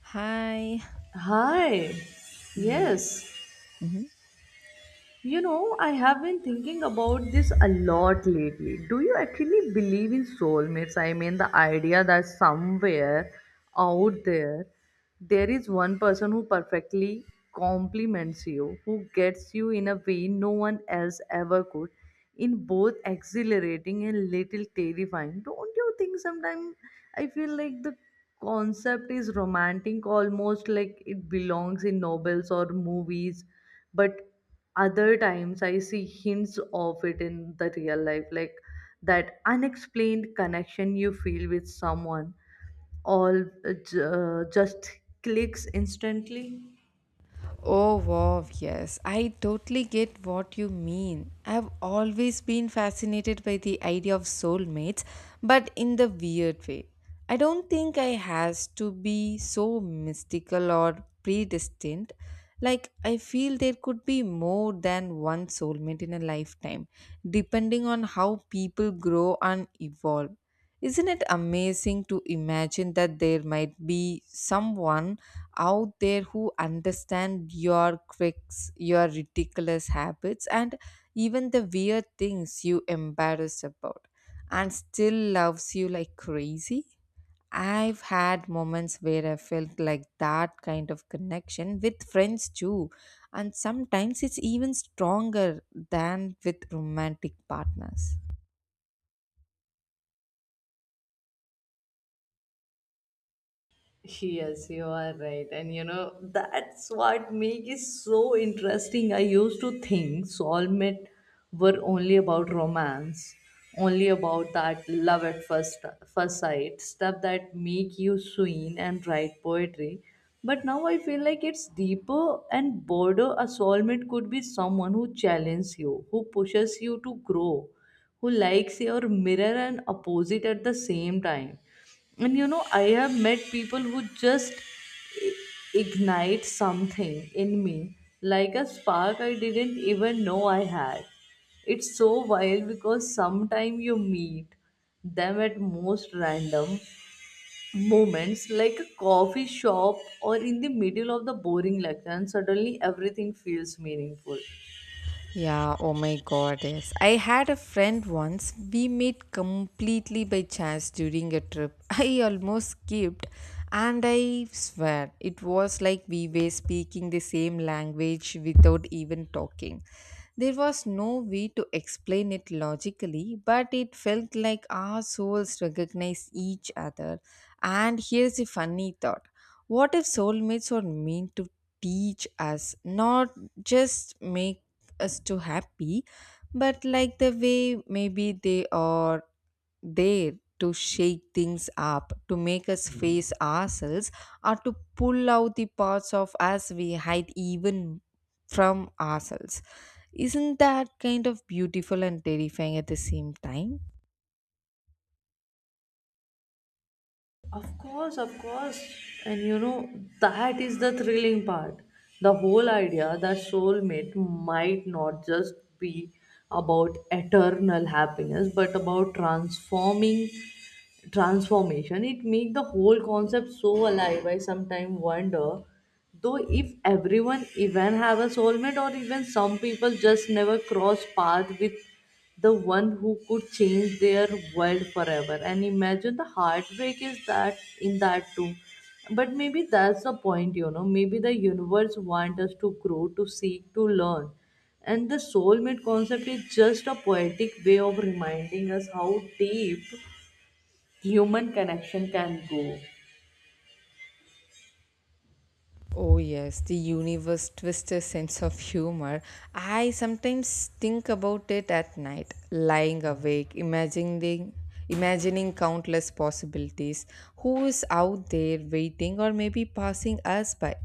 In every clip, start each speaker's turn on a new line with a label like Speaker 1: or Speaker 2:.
Speaker 1: Hi.
Speaker 2: Hi.
Speaker 1: Yeah.
Speaker 2: Yes.
Speaker 1: hmm
Speaker 2: You know, I have been thinking about this a lot lately. Do you actually believe in soulmates? I mean, the idea that somewhere out there, there is one person who perfectly complements you, who gets you in a way no one else ever could, in both exhilarating and little terrifying. Don't you think sometimes I feel like the concept is romantic, almost like it belongs in novels or movies, but other times I see hints of it in the real life, like that unexplained connection you feel with someone all just clicks instantly.
Speaker 1: Oh, wow, yes. I totally get what you mean. I've always been fascinated by the idea of soulmates, but in the weird way. I don't think I has to be so mystical or predestined. Like I feel there could be more than one soulmate in a lifetime, depending on how people grow and evolve. Isn't it amazing to imagine that there might be someone out there who understands your quirks, your ridiculous habits, and even the weird things you embarrass about, and still loves you like crazy? I've had moments where I felt like that kind of connection with friends too, and sometimes it's even stronger than with romantic partners.
Speaker 2: Yes, you are right. And you know, that's what makes it so interesting. I used to think soulmate were only about romance, only about that love at first sight, stuff that make you swing and write poetry. But now I feel like it's deeper and broader. A soulmate could be someone who challenges you, who pushes you to grow, who likes your mirror and opposite at the same time. And you know, I have met people who just i- ignite something in me, like a spark I didn't even know I had. It's so wild because sometimes you meet them at most random moments, like a coffee shop or in the middle of the boring lecture, and suddenly everything feels meaningful.
Speaker 1: Yeah, oh my god, yes. I had a friend once. We met completely by chance during a trip. I almost skipped, and I swear it was like we were speaking the same language without even talking. There was no way to explain it logically, but it felt like our souls recognized each other. And here's a funny thought: what if soulmates are meant to teach us, not just make us to happy, but like the way maybe they are there to shake things up, to make us face ourselves, or to pull out the parts of us we hide even from ourselves? Isn't that kind of beautiful and terrifying at the same time?
Speaker 2: Of course, of course. And you know, that is the thrilling part. The whole idea that soulmate might not just be about eternal happiness, but about transforming transformation, it make the whole concept so alive. I sometimes wonder though if everyone even have a soulmate, or even some people just never cross path with the one who could change their world forever. And imagine the heartbreak is that in that too. But maybe that's the point, you know, maybe the universe wants us to grow, to seek, to learn, and the soulmate concept is just a poetic way of reminding us how deep human connection can go.
Speaker 1: Oh, yes, the universe twister sense of humor. I sometimes think about it at night, lying awake, imagining countless possibilities. Who is out there waiting or maybe passing us by?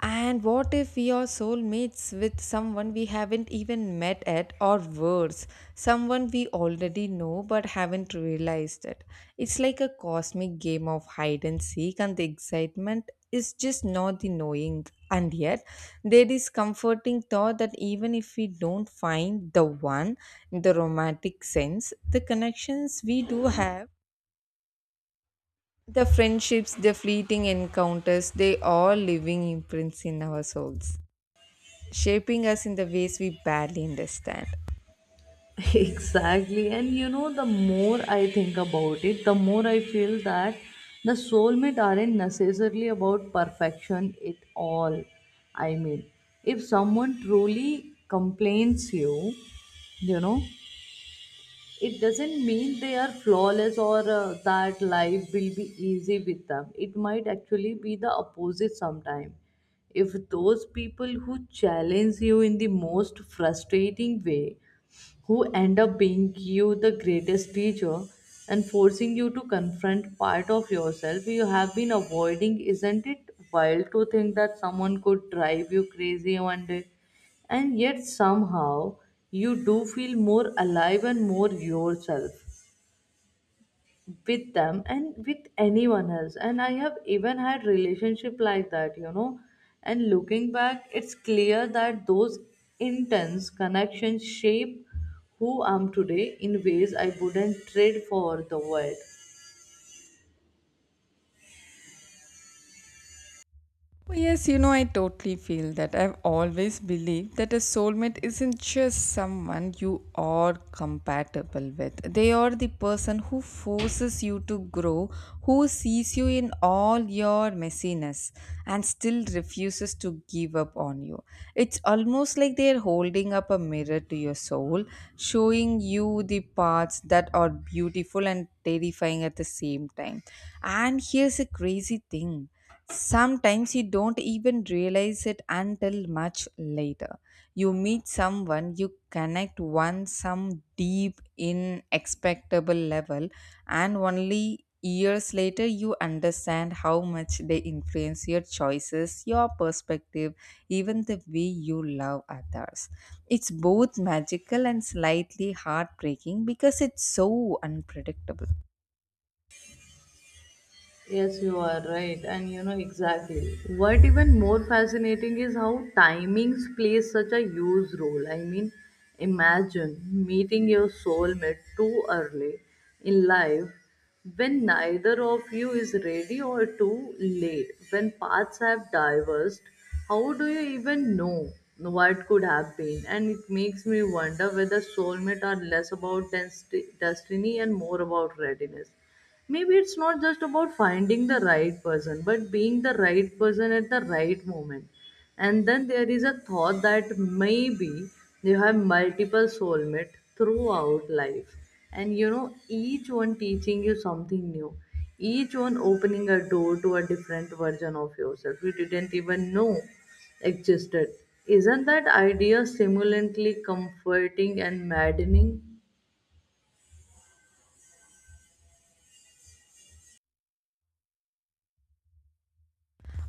Speaker 1: And what if we are soulmates with someone we haven't even met at, or worse, someone we already know but haven't realized it? It's like a cosmic game of hide and seek, and the excitement is just not the knowing. And yet, there is comforting thought that even if we don't find the one in the romantic sense, the connections we do have, the friendships, the fleeting encounters, they are living imprints in our souls shaping us in the ways we barely understand.
Speaker 2: Exactly. And you know, the more I think about it, the more I feel that the soulmate aren't necessarily about perfection at all. I mean, if someone truly complains you, you know, it doesn't mean they are flawless, or that life will be easy with them. It might actually be the opposite sometime, if those people who challenge you in the most frustrating way who end up being you the greatest teacher and forcing you to confront part of yourself you have been avoiding. Isn't it wild to think that someone could drive you crazy one day, and yet somehow you do feel more alive and more yourself with them and with anyone else? And I have even had relationship like that, you know. And looking back, it's clear that those intense connections shape who I'm today in ways I wouldn't trade for the world.
Speaker 1: Well, yes, I totally feel that. I've always believed that a soulmate isn't just someone you are compatible with. They are the person who forces you to grow, who sees you in all your messiness and still refuses to give up on you. It's almost like they're holding up a mirror to your soul, showing you the parts that are beautiful and terrifying at the same time. And here's a crazy thing: sometimes you don't even realize it until much later. You meet someone, you connect one some deep inexpectable level, and only years later you understand how much they influence your choices, your perspective, even the way you love others. It's both magical and slightly heartbreaking because it's so unpredictable.
Speaker 2: Yes, you are right, and you know exactly. What even more fascinating is how timings plays such a huge role. I mean, imagine meeting your soulmate too early in life when neither of you is ready, or too late, when paths have diverged. How do you even know what could have been? And it makes me wonder whether soulmate are less about destiny and more about readiness. Maybe it's not just about finding the right person, but being the right person at the right moment. And then there is a thought that maybe you have multiple soulmates throughout life, and you know, each one teaching you something new, each one opening a door to a different version of yourself you didn't even know existed. Isn't that idea stimulatingly comforting and maddening?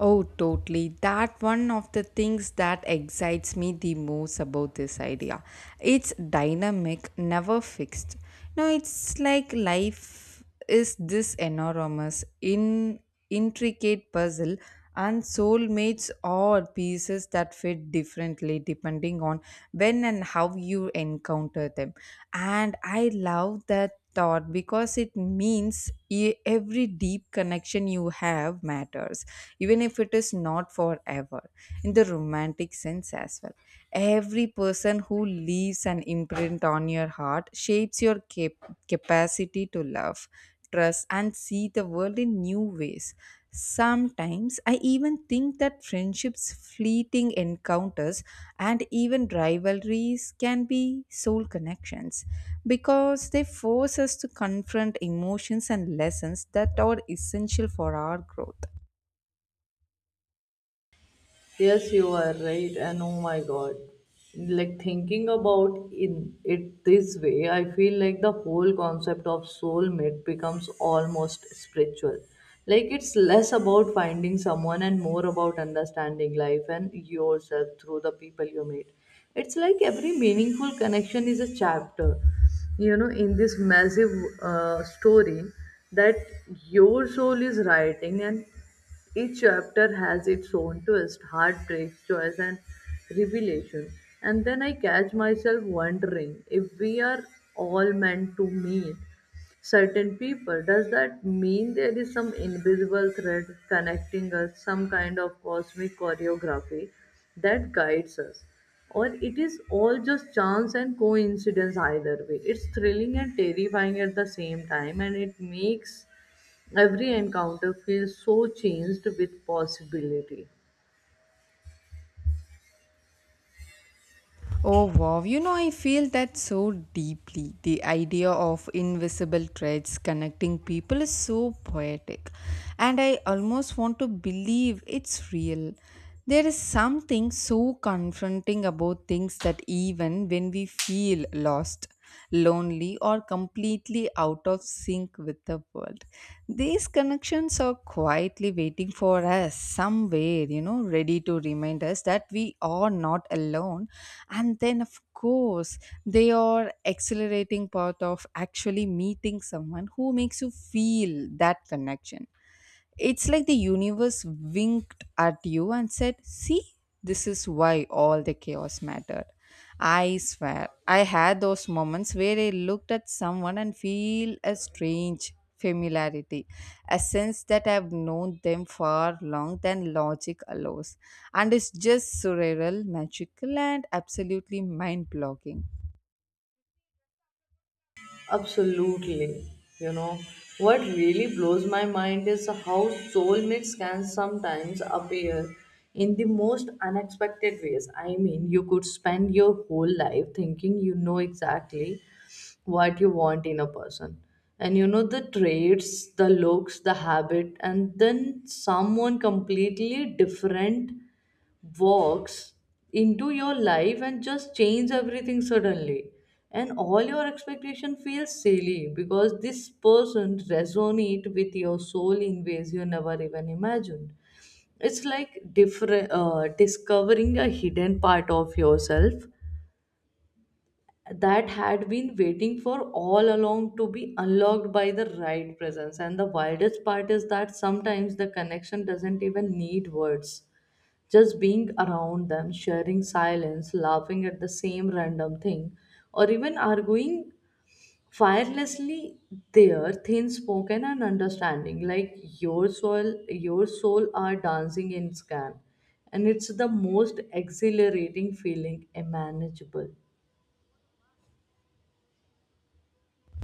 Speaker 1: Oh, totally. That one of the things that excites me the most about this idea. It's dynamic, never fixed. No, it's like life is this enormous, in intricate puzzle, and soulmates are pieces that fit differently depending on when and how you encounter them. And I love that thought, because it means every deep connection you have matters, even if it is not forever in the romantic sense as well. Every person who leaves an imprint on your heart shapes your capacity to love, trust, and see the world in new ways. Sometimes I even think that friendships, fleeting encounters, and even rivalries can be soul connections, because they force us to confront emotions and lessons that are essential for our growth.
Speaker 2: Yes, you are right. And oh my God, like thinking about in it this way, I feel like the whole concept of soulmate becomes almost spiritual. Like it's less about finding someone and more about understanding life and yourself through the people you meet. It's like every meaningful connection is a chapter, you know, in this massive story that your soul is writing, and each chapter has its own twist, heartbreak, choice, and revelation. And then I catch myself wondering if we are all meant to meet certain people. Does that mean there is some invisible thread connecting us, some kind of cosmic choreography that guides us? Or it is all just chance and coincidence, either way. It's thrilling and terrifying at the same time, and it makes every encounter feels so changed with possibility.
Speaker 1: Oh wow, I feel that so deeply. The idea of invisible threads connecting people is so poetic, and I almost want to believe it's real. There is something so confronting about things that even when we feel lost, lonely, or completely out of sync with the world. These connections are quietly waiting for us somewhere, ready to remind us that we are not alone. And then, of course, they are accelerating part of actually meeting someone who makes you feel that connection. It's like the universe winked at you and said, "See, this is why all the chaos mattered." I swear, I had those moments where I looked at someone and feel a strange familiarity, a sense that I've known them far long than logic allows. And it's just surreal, magical, and absolutely mind blogging.
Speaker 2: Absolutely. You know, what really blows my mind is how soulmates can sometimes appear in the most unexpected ways. I mean, you could spend your whole life thinking you know exactly what you want in a person. And you know, the traits, the looks, the habit, and then someone completely different walks into your life and just change everything suddenly, and all your expectation feels silly because this person resonate with your soul in ways you never even imagined. It's like different discovering a hidden part of yourself that had been waiting for all along to be unlocked by the right presence. And the wildest part is that sometimes the connection doesn't even need words, just being around them, sharing silence, laughing at the same random thing, or even arguing firelessly, their thin spoken and understanding, like your soul are dancing in scan. And it's the most exhilarating feeling imaginable.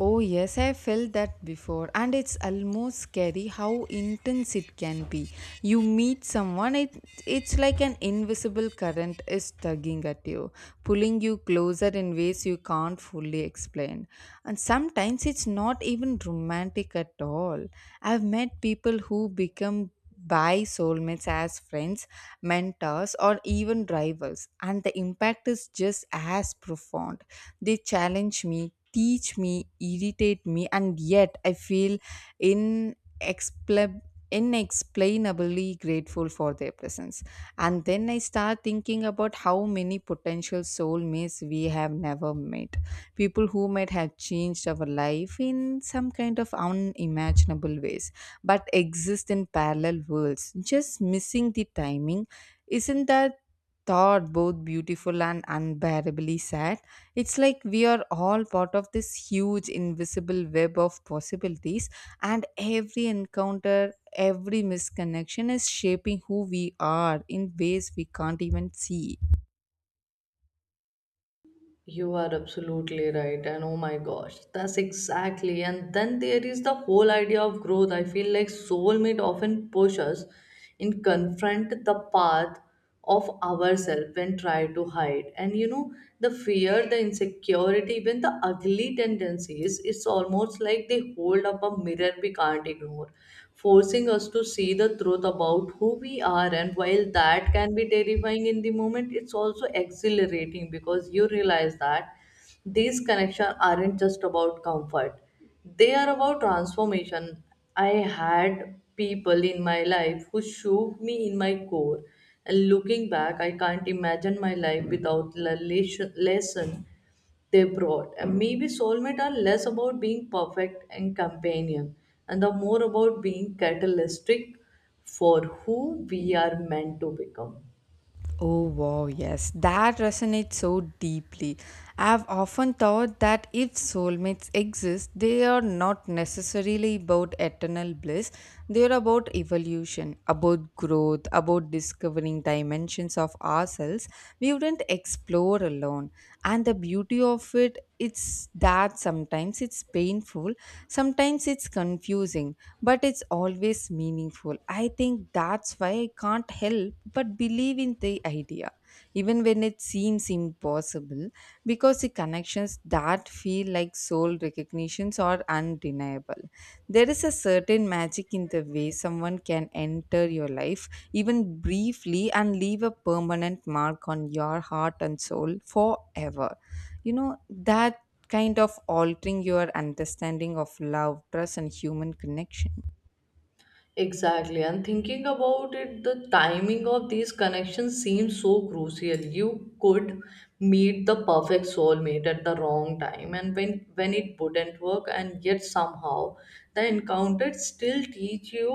Speaker 1: Oh, yes, I felt that before, and it's almost scary how intense it can be. You meet someone, it's like an invisible current is tugging at you, pulling you closer in ways you can't fully explain. And sometimes it's not even romantic at all. I've met people who become by soulmates as friends, mentors, or even rivals, and the impact is just as profound. They challenge me, teach me, irritate me, and yet I feel inexplicable. Inexplainably grateful for their presence. And then I start thinking about how many potential soulmates we have never met. People who might have changed our life in some kind of unimaginable ways, but exist in parallel worlds, just missing the timing. Isn't that thought both beautiful and unbearably sad? It's like we are all part of this huge invisible web of possibilities, and every encounter, every misconnection is shaping who we are in ways we can't even see.
Speaker 2: You are absolutely right, and oh my gosh, that's exactly. And then there is the whole idea of growth. I feel like soulmate often push us in confront the path of ourselves and try to hide. And you know, the fear that the insecurity, even the ugly tendencies, it's almost like they hold up a mirror we can't ignore, forcing us to see the truth about who we are. And while that can be terrifying in the moment, it's also exhilarating because you realize that these connections aren't just about comfort, they are about transformation. I had people in my life who shook me in my core, and looking back, I can't imagine my life without the lesson they brought. And maybe soulmate are less about being perfect and companion, and the more about being catalytic for who we are meant to become.
Speaker 1: Oh, wow, yes, that resonates so deeply. I've often thought that if soulmates exist, they are not necessarily about eternal bliss, they're about evolution, about growth, about discovering dimensions of ourselves we wouldn't explore alone. And the beauty of it it's that sometimes it's painful, sometimes it's confusing, but it's always meaningful. I think that's why I can't help but believe in the idea, even when it seems impossible, because the connections that feel like soul recognitions are undeniable. There is a certain magic in the way someone can enter your life, even briefly, and leave a permanent mark on your heart and soul forever, that kind of altering your understanding of love, trust, and human connection.
Speaker 2: Exactly, and thinking about it, the timing of these connections seems so crucial. You could meet the perfect soulmate at the wrong time, and when it wouldn't work, and yet somehow the encounter still teach you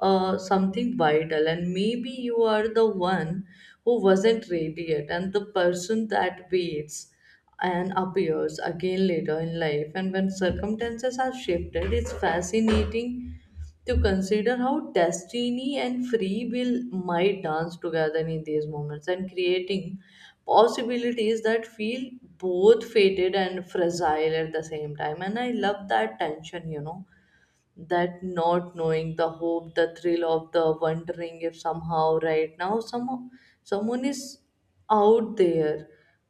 Speaker 2: something vital. And maybe you are the one who wasn't ready yet, and the person that waits and appears again later in life, and when circumstances are shifted. It's fascinating to consider how destiny and free will might dance together in these moments and creating possibilities that feel both fated and fragile at the same time. And I love that tension, you know, that not knowing, the hope, the thrill of the wondering if somehow right now, somehow someone is out there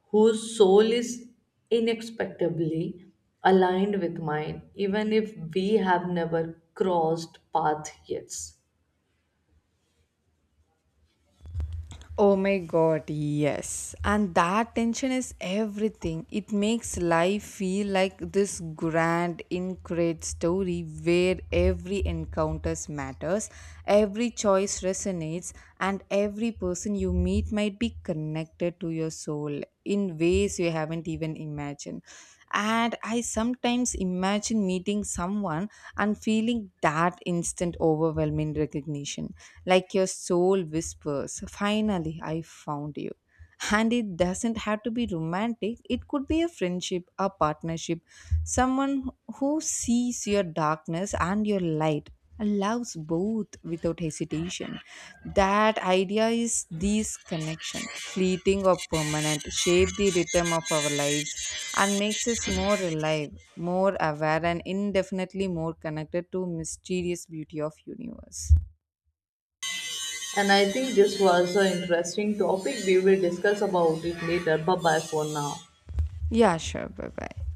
Speaker 2: whose soul is inexplicably aligned with mine, even if we have never crossed path yet.
Speaker 1: Oh my god, yes. And that tension is everything. It makes life feel like this grand, incredible story where every encounters matters, every choice resonates, and every person you meet might be connected to your soul in ways you haven't even imagined. And I sometimes imagine meeting someone and feeling that instant overwhelming recognition, like your soul whispers, "Finally, I found you." And it doesn't have to be romantic, it could be a friendship, a partnership, someone who sees your darkness and your light and loves both without hesitation. That idea is this connection, fleeting or permanent, shape the rhythm of our lives and makes us more alive, more aware, and indefinitely more connected to mysterious beauty of universe.
Speaker 2: And I think this was an interesting topic. We will discuss about it later. Bye bye for now.
Speaker 1: Yeah, sure. Bye bye.